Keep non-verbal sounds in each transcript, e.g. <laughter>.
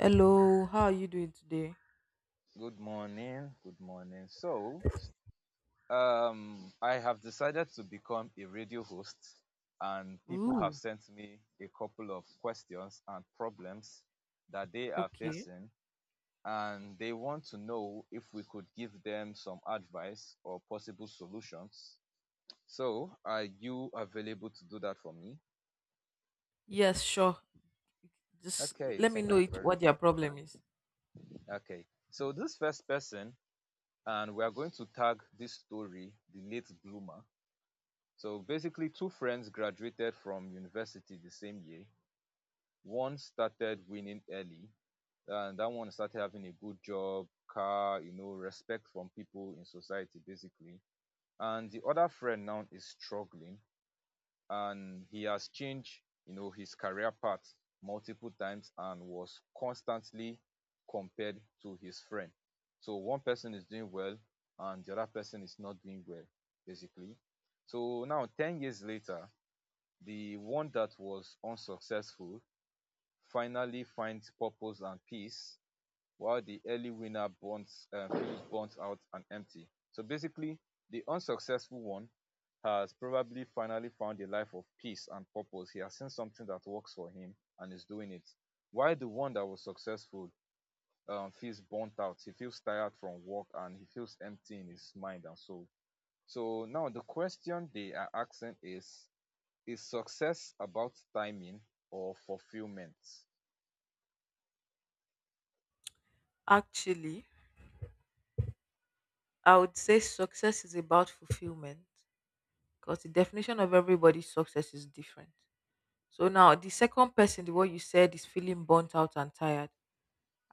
Hello, how are you doing today? Good morning. Good morning. So, I have decided to become a radio host, and people have Ooh, sent me a couple of questions and problems that they are okay. facing, and they want to know if we could give them some advice or possible solutions. So, are you available to do that for me? Yes, sure. Just Okay, let me thank know you it very what your much. problem is. Okay, so this first person, and we are going to tag this story the late bloomer. So basically, two friends graduated from university the same year. One started winning early, and that one started having a good job, car, respect from people in society, basically. And the other friend now is struggling, and he has changed, his career path multiple times and was constantly compared to his friend. So one person is doing well, and the other person is not doing well, basically. So now, 10 years later, the one that was unsuccessful finally finds purpose and peace, while the early winner feels burnt out and empty. So basically, the unsuccessful one has probably finally found a life of peace and purpose. He has seen something that works for him and is doing it. While the one that was successful, feels burnt out, he feels tired from work and he feels empty in his mind and soul. So now the question they are asking is success about timing or fulfillment? Actually, I would say success is about fulfillment because the definition of everybody's success is different. So now the second person, the one you said is feeling burnt out and tired.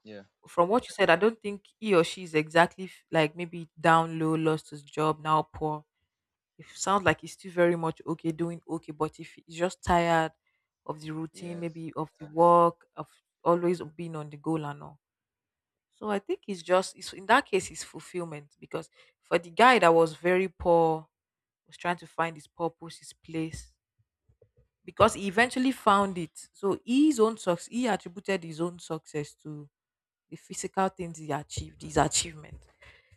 Yeah. From what you said, I don't think he or she is exactly like maybe down low, lost his job, now poor. It sounds like he's still very much okay, doing okay. But if he's just tired of the routine, Yes. maybe of the work, of always being on the goal and all. So I think in that case it's fulfillment because for the guy that was very poor, was trying to find his purpose, his place, because he eventually found it. So his own success, he attributed his own success to the physical things he achieved, his achievement.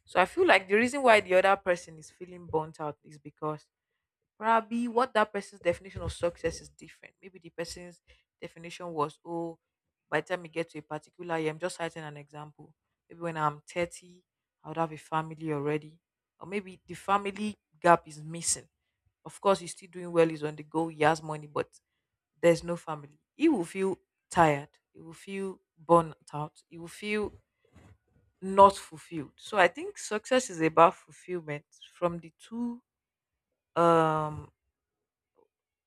So I feel like the reason why the other person is feeling burnt out is because probably what that person's definition of success is different. Maybe the person's definition was, oh, by the time you get to a particular year, I'm just citing an example. Maybe when I'm 30, I would have a family already. Or maybe the family gap is missing. Of course, he's still doing well, he's on the go, he has money, but there's no family. He will feel tired, he will feel burnt out, he will feel not fulfilled. So I think success is about fulfillment from the two um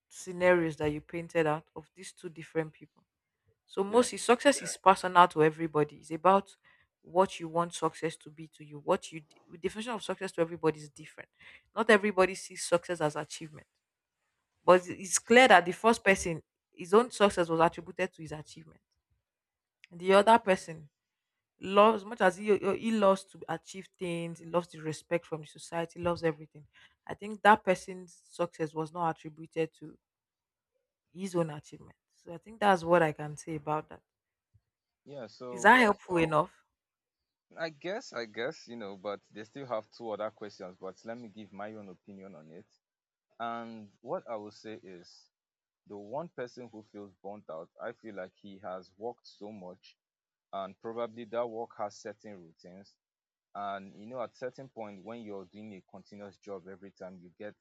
scenarios that you painted out of these two different people. So Yeah. mostly success is personal to everybody. It's about what you want success to be to you. What you the definition of success to everybody is different. Not everybody sees success as achievement. But it's clear True. that the first person, his own success was attributed to his achievement. The other Hmm. person loves much as he loves to achieve things, he loves the respect from the society, loves everything. I think that person's success was not attributed to his own achievement. So I think that's what I Okay. can say about that. Yeah. Is So that helpful enough? I guess, but they still have two other questions, but let me give my own opinion on it. And what I will say is the one person who feels burnt out, I feel like he has worked so much, and probably that work has certain routines. And, at certain point when you're doing a continuous job every time, you get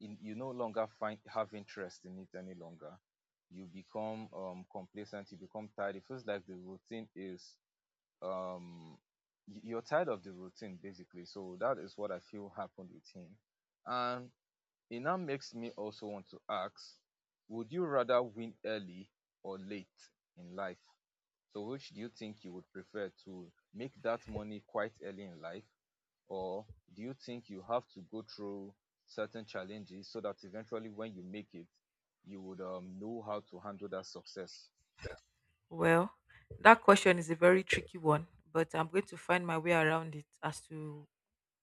in- you no longer find have interest in it any longer. You become complacent, you become tired, it feels like the routine is, um you're tired of the routine, basically. So that is what I feel happened with him. And it now makes me also want to ask, would you rather win early or late in life? So which do you think you would prefer, to make that money quite early in life, or do you think you have to go through certain challenges so that eventually when you make it you would, know how to handle that success? Well, that question is a very tricky one, but I'm going to find my way around it as to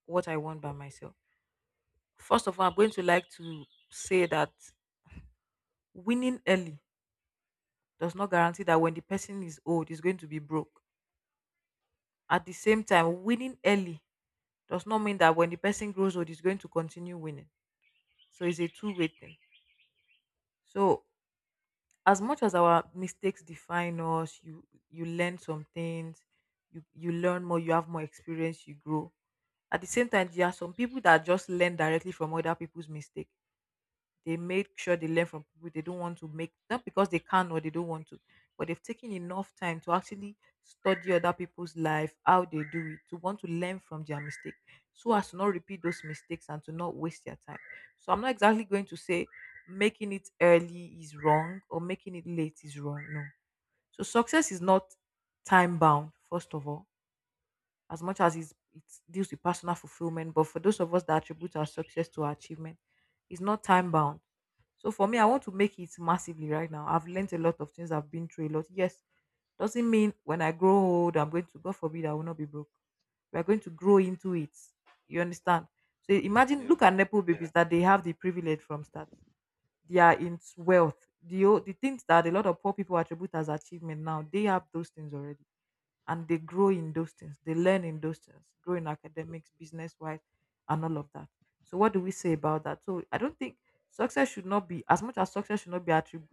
what I want by myself. First of all, I'm going to like to say that winning early does not guarantee that when the person is old, is going to be broke. At the same time, winning early does not mean that when the person grows old, is going to continue winning. So it's a two-way thing. So as much as our mistakes define us, you learn some things, you learn more, you have more experience, you grow. At the same time, there are some people that just learn directly from other people's mistake. They make sure they learn from people, they don't want to make, not because they can or they don't want to, but they've taken enough time to actually study other people's life, how they do it, to want to learn from their mistake, so as to not repeat those mistakes and to not waste their time. So I'm not exactly going to say making it early is wrong or making it late is wrong. No. So success is not time bound, first of all, as much as it deals with personal fulfillment. But for those of us that attribute our success to our achievement, it's not Yeah, time bound. So for me, I want to make it massively right now. I've learned a lot of things. I've been through a lot. Yes, doesn't mean when I grow old, I'm going to, God forbid, I will not be broke. We are going to grow into it. You understand? So imagine, yeah, look at Nepo, yeah, babies that they have the privilege from start. They are in wealth. The things that a lot of poor people attribute as achievement now, they have those things already, and they grow in those things. They learn in those things, grow in academics, business wise, and all of that. So what do we say about that? So I don't think success should not be, as much as success should not be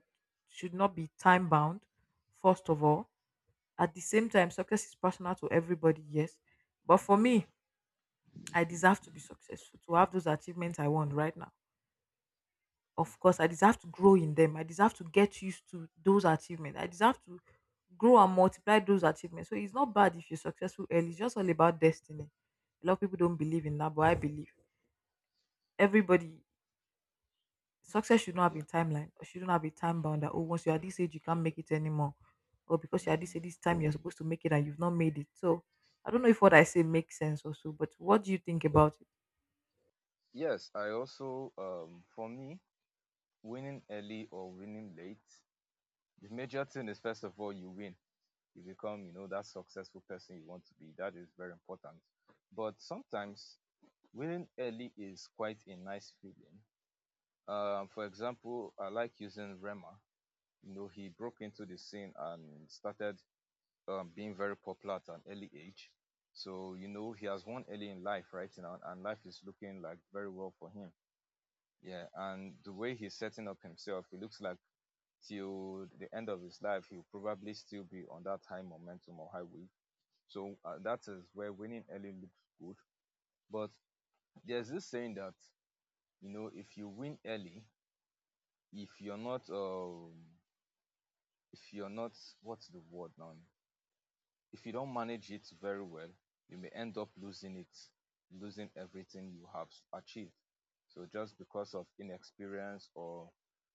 should not be time bound. First of all, at the same time, success is personal to everybody. Yes, but for yeah. me, I deserve to be successful to have those achievements I want right now. Of Mm-hmm. course, I deserve to grow in them. I deserve to get used to those achievements. I deserve to grow and multiply those achievements. So it's not bad if you're successful early. It's just all about destiny. A lot of people don't believe in that, but I believe everybody success should not have Yeah. a timeline or shouldn't have a time bound that, oh, once you're at this age you can't make it anymore. Or because you're at this age Mm. this time you're supposed to make it and you've not made it. So I don't know if what I say makes sense or so, but what do you think about it? Yes, I also, for me, winning early or winning late, the major thing is, first of all, you win. You become, that successful person you want to be. That is very important. But sometimes winning early is quite a nice feeling. For example, I like using Rema. You know, he broke into the scene and started, being very popular at an early age. So, you know, he has won early in life right now and life is looking like very well for him. Yeah, and the way he's setting up himself, it looks like till the end of his life he'll probably still be on that high momentum or highway. So that is where winning early looks good. But there's this saying that, if you win early, if you're not um if you're not what's the word now, if you don't manage it very well, you may end up losing it, losing everything you have achieved. So just because of inexperience or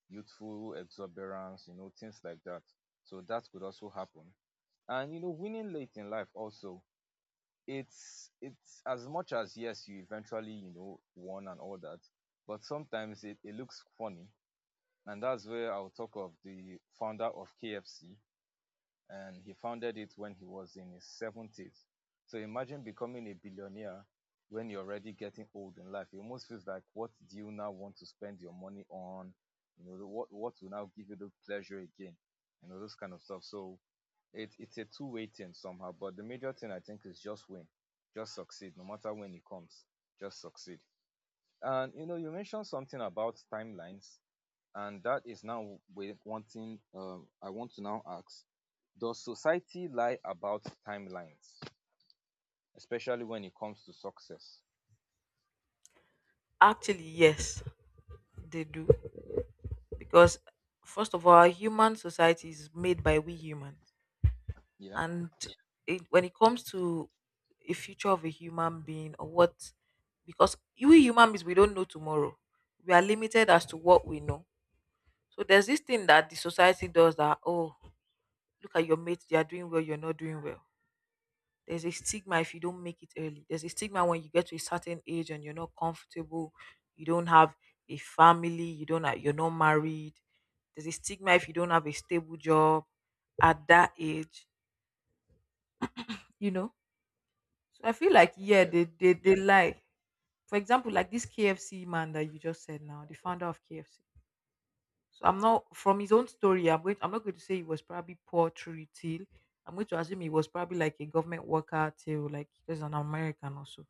youthful exuberance, you know, things like that. So that could also happen. And, you know, winning late in life also, it's as much as yes, you eventually, you know, won and all that, but sometimes it, it looks funny. And that's where I'll talk of the founder of KFC, and he founded it when he was in his 70s. So imagine becoming a billionaire when you're already getting old in life. It almost feels like, what do you now want to spend your money on? You know, what will now give you the pleasure again? You know, those kind of stuff. So it, it's a two-way thing somehow. But the major thing I think is just win, just succeed, no matter when it comes, just succeed. And you mentioned something about timelines, and that is now, with one thing, I want to now ask. Does society lie about timelines, especially when it comes to success? Actually, yes. They do. Because, first of all, our human society is made by we humans. Yeah, And when it comes to a future of a human being or what, because we human beings, we don't know tomorrow. We are limited as to what we know. So there's this thing that the society does that, oh, look at your mates, they are doing well, you're not doing well. There's a stigma if you don't make it early. There's a stigma when you get to a certain age and you're not comfortable, you don't have a family, you don't have, you're not married. There's a stigma if you don't have a stable job at that age, you know. So I feel like, yeah, yeah, they lie. For example, like this KFC man that you just said now, the founder of KFC. So I'm not from his own story. I'm going. I'm not going to say he was probably poor through till. I'm going to assume he was probably like a government worker till, like, he was an American also,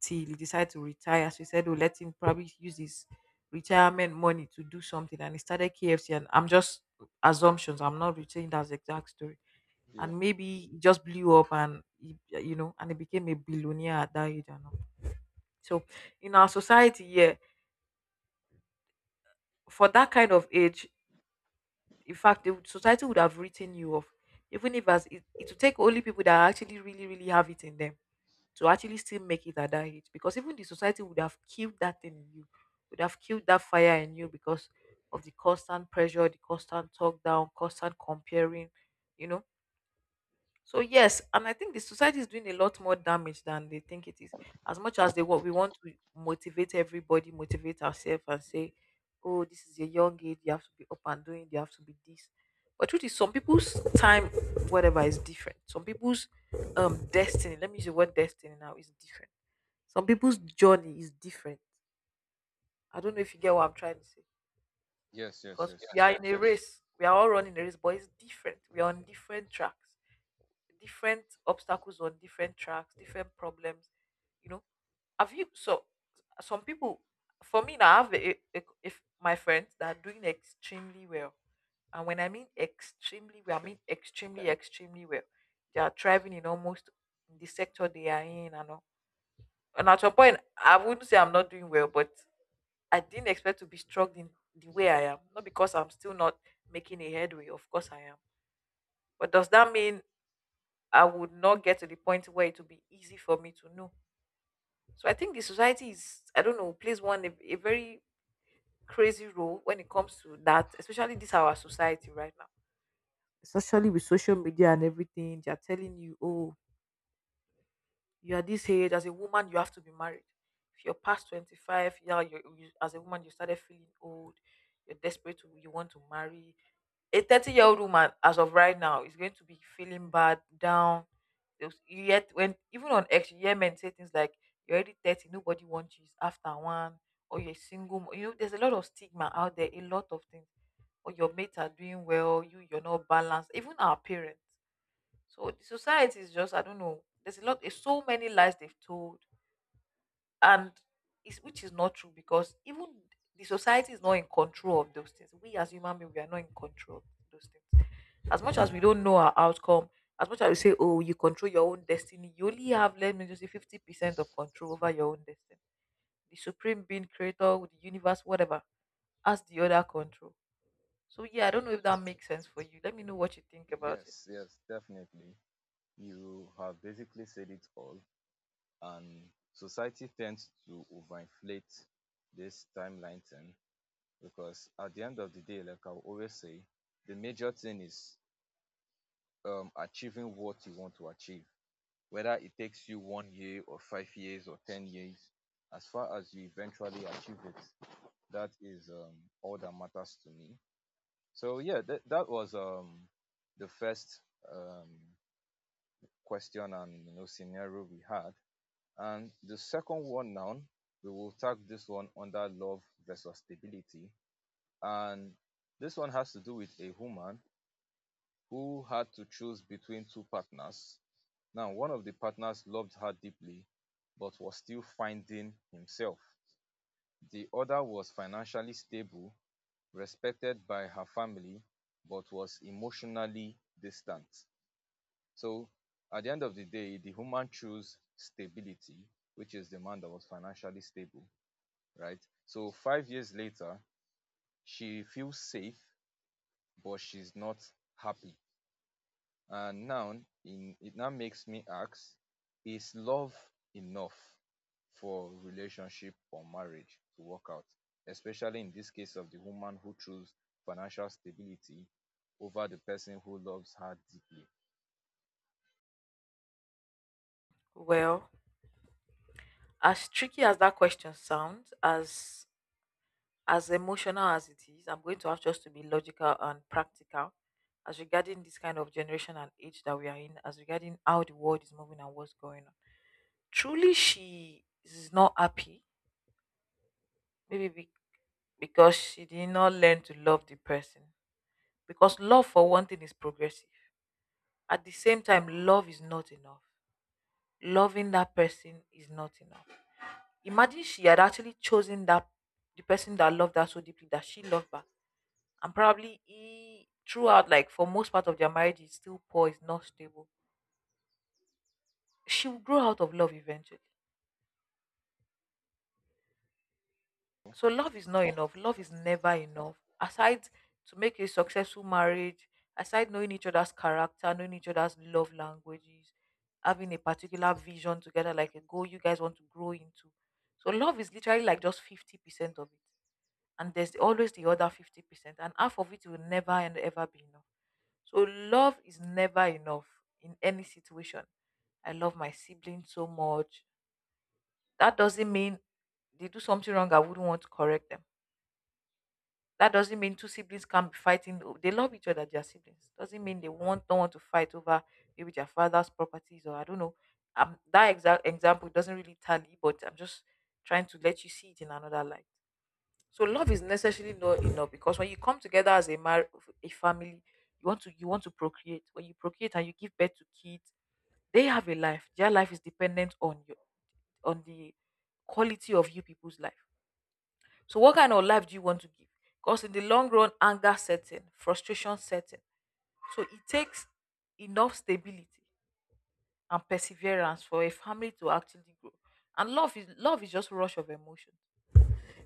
till he decided to retire. So he said, "Oh, let him probably use his retirement money to do something." And he started KFC. And I'm just assumptions. I'm not retaining that exact story. yeah. And maybe he just blew up, and he, and he became a billionaire at that age. And all. So in our society, yeah, for that kind of age, in fact the society would have written you off, even if, as it would take only people that actually really really have it in them to actually still make it at that age, because even the society would have killed that thing in you, would have killed that fire in you, because of the constant pressure, the constant talk down, constant comparing, you know. So yes, and I think the society is doing a lot more damage than they think it is. As much as they what we want to motivate everybody, motivate ourselves, and say, "Oh, this is a young age. You have to be up and doing. You have to be this." But truth is, some people's time, whatever, is different. Some people's destiny. Let me use the word destiny now is different. Some people's journey is different. I don't know if you get what I'm trying to say, Yes, yes, because we, yes. yes, are, yes, in a, yes, race. We are all running a race, but it's different. We are on different tracks, different obstacles on different tracks, different problems. You know, have you, so some people? For me now, I have if my friends that are doing extremely well, and when I mean extremely well, I Okay. mean extremely extremely well. They are thriving in almost the sector they are in and all. And at some point, I wouldn't say I'm not doing well, but I didn't expect to be struggling the way I am. Not because I'm still not making a headway. Of course, I am. But does that mean I would not get to the point where it would be easy for me to know. So I think the society is, I don't know, plays one a very crazy role when it comes to that, especially this our society right now. Especially with social media and everything, they are telling you, oh, you are this age, as a woman, you have to be married. If you're past 25, yeah, you as a woman you started feeling old, you're desperate to you want to marry. A 30-year-old woman as of right now is going to be feeling bad, down. You yet when even on X, you hear men say things like you're already 30, nobody wants you, it's after one, or you're single. You know, there's a lot of stigma out there, a lot of things. Or your mates are doing well, you're not balanced, even our parents. So the society is just, I don't know, there's a lot there's so many lies they've told. And it's which is not true because even the society is not in control of those things. We as human beings, we are not in control of those things, as much as we don't know our outcome, as much as we say, oh, you control your own destiny, you only have, let me just say, 50% of control over your own destiny. The supreme being, creator, the universe, whatever, has the other control. So, yeah, I don't know if that makes sense for you. Let me know what you think about it. Yes, yes, definitely. You have basically said it all. And society tends to overinflate this timeline thing because at the end of the day, like I always say, the major thing is, achieving what you want to achieve, whether it takes you one year or 5 years or 10 years. As far as you eventually achieve it, that is, all that matters to me. So yeah, that was, the first, um, question and, you know, scenario we had. And the second one now, we will tag this one under love versus stability. And this one has to do with a woman who had to choose between two partners. Now, one of the partners loved her deeply, but was still finding himself. The other was financially stable, respected by her family, but was emotionally distant. So, at the end of the day, the woman chose stability, which is the man that was financially stable, right? So, 5 years later, she feels safe, but she's not happy. And now, in, it now makes me ask, is love enough for relationship or marriage to work out? Especially in this case of the woman who chose financial stability over the person who loves her deeply. Well, as tricky as that question sounds, as emotional as it is, I'm going to have just to be logical and practical as regarding this kind of generation and age that we are in, as regarding how the world is moving and what's going on. Truly, she is not happy. Maybe be- because she did not learn to love the person. Because love, for one thing, is progressive. At the same time, love is not enough. Loving that person is not enough. Imagine she had actually chosen that the person that loved her so deeply, that she loved back, and probably he throughout, like for most part of their marriage, is still poor, is not stable. She will grow out of love eventually, so love is not enough, love is never enough, aside to make a successful marriage, aside knowing each other's character, knowing each other's love languages, having a particular vision together, like a goal you guys want to grow into. So love is literally like just 50% of it, and there's always the other 50%, and half of it will never and ever be enough. So love is never enough in any situation. I love my siblings so much. That doesn't mean they do something wrong I wouldn't want to correct them. That doesn't mean two siblings can't be fighting. They love each other, they are siblings. Doesn't mean they want don't want to fight over maybe their father's properties or I don't know. That exact example doesn't really tally, but I'm just trying to let you see it in another light. So love is necessarily not enough because when you come together as a a family, you want to procreate. When you procreate and you give birth to kids, they have a life. Their life is dependent on your on the quality of you people's life. So, what kind of life do you want to give? Because in the long run, anger sets in, frustration sets in. So it takes enough stability and perseverance for a family to actually grow. And love is just rush of emotion.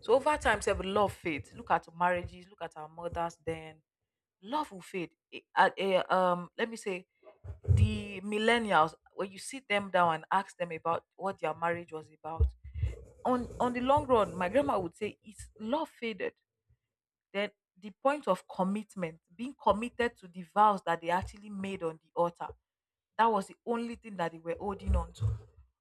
So over time, sef, love fades. Look at marriages. Look at our mothers. Then love will fade. Let me say the millennials. When you sit them down and ask them about what their marriage was about, on the long run, my grandma would say, "It's love faded." Then the point of commitment, being committed to the vows that they actually made on the altar. That was the only thing that they were holding on to.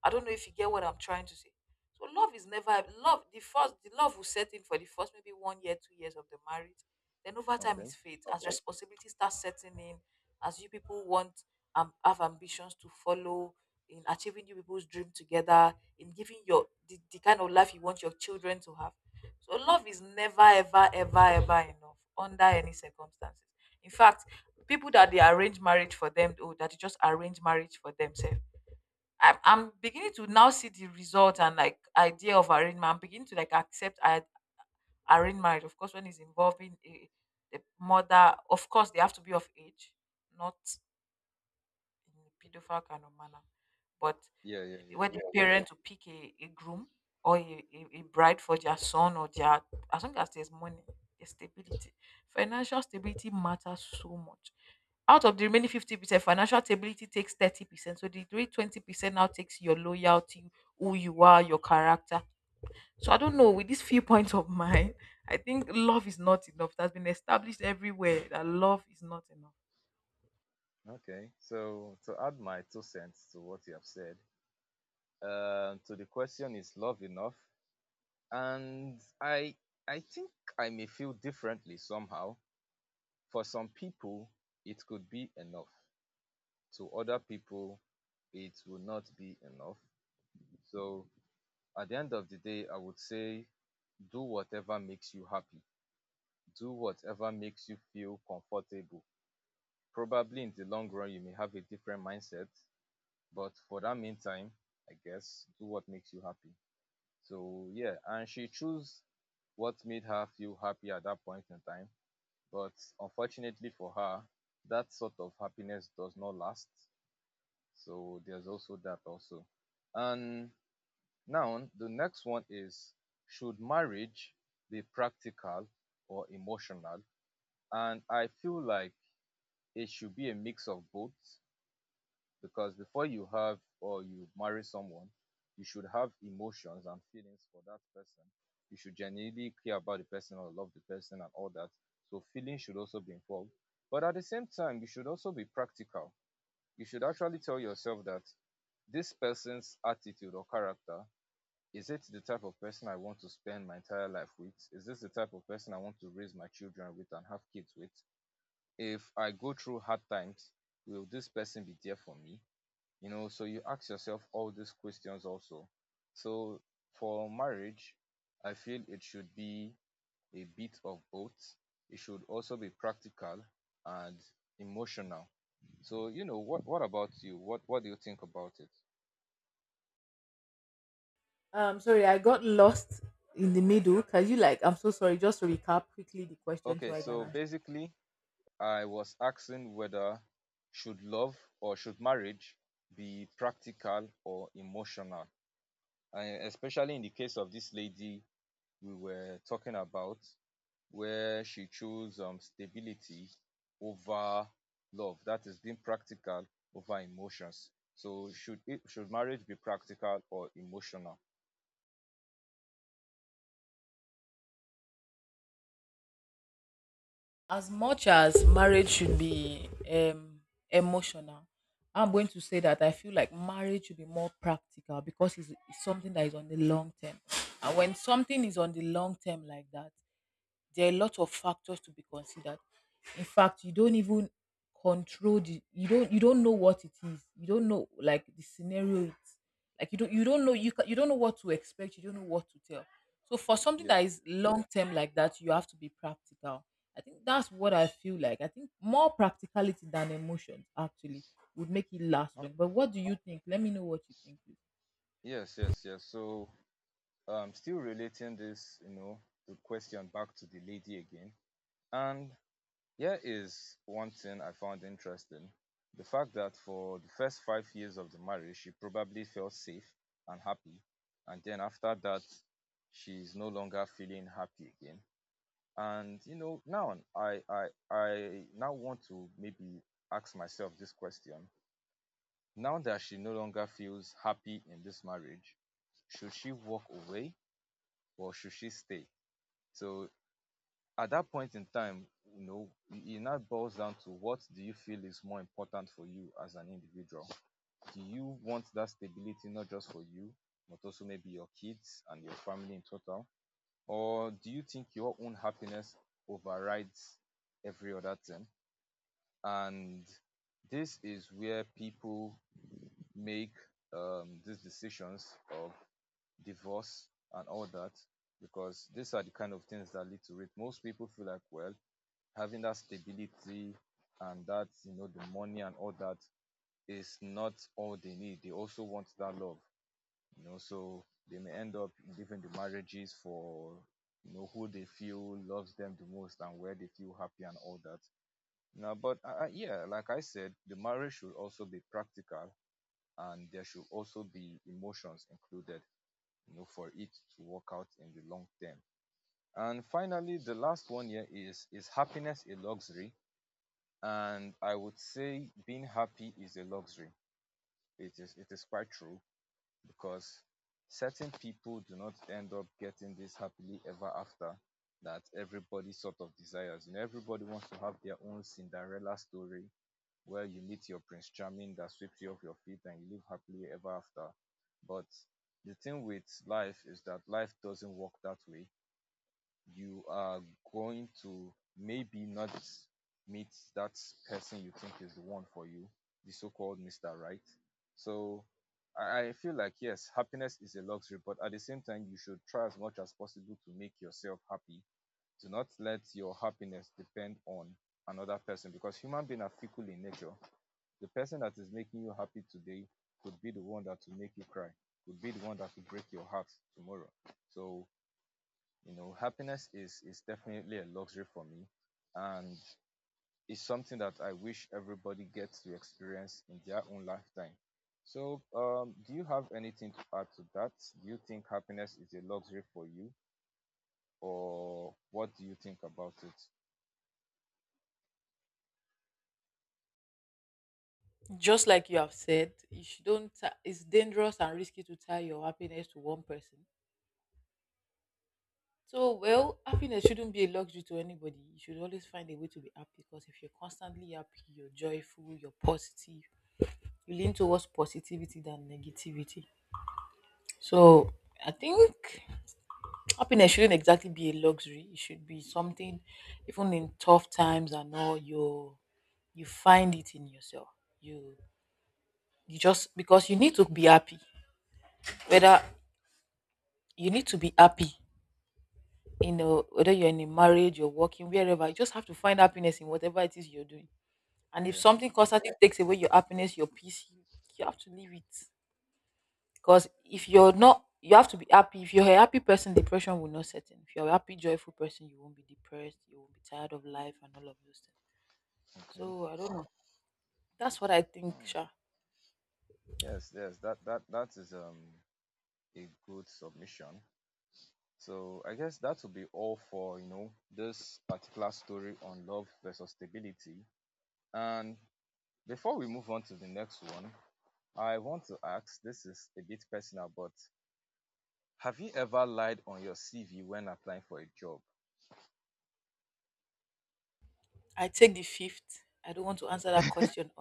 I don't know if you get what I'm trying to say. So love is never love. The love will set in for the first maybe 1 year, 2 years of the marriage. Then over time Okay. is fate. As responsibility starts setting in, as you people want have ambitions to follow in achieving you people's dream together, in giving your the kind of life you want your children to have. So love is never ever ever ever enough under any circumstances. In fact, people that they arrange marriage for them, oh, that they just arrange marriage for themselves. I'm beginning to now see the result and like idea of arranged marriage. I'm beginning to like accept I arranged marriage. Of course, when it's involving a mother, of course they have to be of age, not in a pedophile kind of manner. But Yeah, yeah, yeah. when the parents will pick a groom or a bride for their son or their, as long as there's money, there's stability, financial stability matters so much. Out of the remaining 50%, financial stability takes 30%, so the three 20% now takes your loyalty, who you are, your character. So I don't know, with these few <laughs> points of mine, I think love is not enough, it has been established everywhere that love is not enough. Okay. So to add my two cents to what you have said, to the question, is love enough? And I think I may feel differently somehow. For some people, it could be enough. To other people, it will not be enough. So at the end of the day, I would say do whatever makes you happy, do whatever makes you feel comfortable. Probably in the long run, you may have a different mindset, but for that meantime, I guess do what makes you happy. So yeah, and she chose what made her feel happy at that point in time. But unfortunately for her, that sort of happiness does not last. So there's also that also. And now, the next one is, should marriage be practical or emotional? And I feel like it should be a mix of both because before you have or you marry someone, you should have emotions and feelings for that person. You should genuinely care about the person or love the person and all that. So, feelings should also be involved. But at the same time, you should also be practical. You should actually tell yourself that this person's attitude or character, is it the type of person I want to spend my entire life with? Is this the type of person I want to raise my children with and have kids with? If I go through hard times, will this person be there for me? You know, so you ask yourself all these questions also. So for marriage, I feel it should be a bit of both. It should also be practical and emotional. So, you know, what about you? What do you think about it? Sorry, I got lost in the middle. Can you like, I'm so sorry. Just recap quickly the question so Okay, I can so answer. basically I was asking whether should love or should marriage be practical or emotional? And especially in the case of this lady we were talking about, where she chose, stability over love. That is being practical over emotions. So should it, should marriage be practical or emotional? As much as marriage should be emotional, I'm going to say that I feel like marriage should be more practical because it's something that is on the long term. And when something is on the long term like that, there are a lot of factors to be considered. In fact, you don't even control the you don't know what it is, you don't know like the scenario, it's like you don't know, you don't know what to expect, you don't know what to tell. So for something Yeah. that is long term like that, you have to be practical. I think that's what I feel like, I think more practicality than emotions actually would make it last Oh, long. But what do you think, let me know what you think please. yes, yes, yes. So still relating this, the question back to the lady again. And here is one thing I found interesting, the fact that for the first 5 years of the marriage, she probably felt safe and happy. And then after that, she's no longer feeling happy again. And now I now want to maybe ask myself this question. Now that she no longer feels happy in this marriage, should she walk away or should she stay? So at that point in time, you know, it now boils down to what do you feel is more important for you as an individual. Do you want that stability, not just for you, but also maybe your kids and your family in total? Or do you think your own happiness overrides every other thing? And this is where people make, these decisions of divorce and all that, because these are the kind of things that lead to it. Most people feel like, well, having that stability and that, the money and all that, is not all they need. They also want that love. So they may end up leaving the marriages for, who they feel loves them the most and where they feel happy and all that. Now, but yeah, like I said, the marriage should also be practical and there should also be emotions included, for it to work out in the long term. And finally, the last one here is happiness a luxury? And I would say being happy is a luxury. It is quite true because certain people do not end up getting this happily ever after that everybody sort of desires. You know, everybody wants to have their own Cinderella story where you meet your Prince Charming that sweeps you off your feet and you live happily ever after. But the thing with life is that life doesn't work that way. You are going to maybe not meet that person you think is the one for you, the so-called Mr. Right. So I feel like yes, happiness is a luxury, but at the same time, you should try as much as possible to make yourself happy. Do not let your happiness depend on another person because human beings are fickle in nature. The person that is making you happy today could be the one that will make you cry, could be the one that will break your heart tomorrow. So you know, happiness is definitely a luxury for me, and it's something that I wish everybody gets to experience in their own lifetime. So, do you have anything to add to that? Do you think happiness is a luxury for you, or what do you think about it? Just like you have said, you should don't. It's dangerous and risky to tie your happiness to one person. So, well, happiness shouldn't be a luxury to anybody. You should always find a way to be happy, because if you're constantly happy, you're joyful, you're positive, you lean towards positivity than negativity. So, I think happiness shouldn't exactly be a luxury. It should be something, even in tough times and all, you find it in yourself. You you just because you need to be happy. Whether you need to be happy, you know, whether you're in a marriage, you're working, wherever, you just have to find happiness in whatever it is you're doing. And if Yeah. something constantly takes away your happiness, your peace, you have to leave it. Because if you're not, you have to be happy. If you're a happy person, depression will not set in. If you're a happy, joyful person, you won't be depressed. You won't be tired of life and all of those things. Okay. So I don't know. That's what I think, Hmm. Sha. Yes, yes, that is, a good submission. So I guess that will be all for, this particular story on love versus stability. And before we move on to the next one, I want to ask, this is a bit personal, but have you ever lied on your CV when applying for a job? I take the fifth. I don't want to answer that question.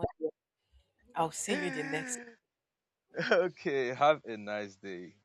I'll see you the next. <laughs> Okay, have a nice day.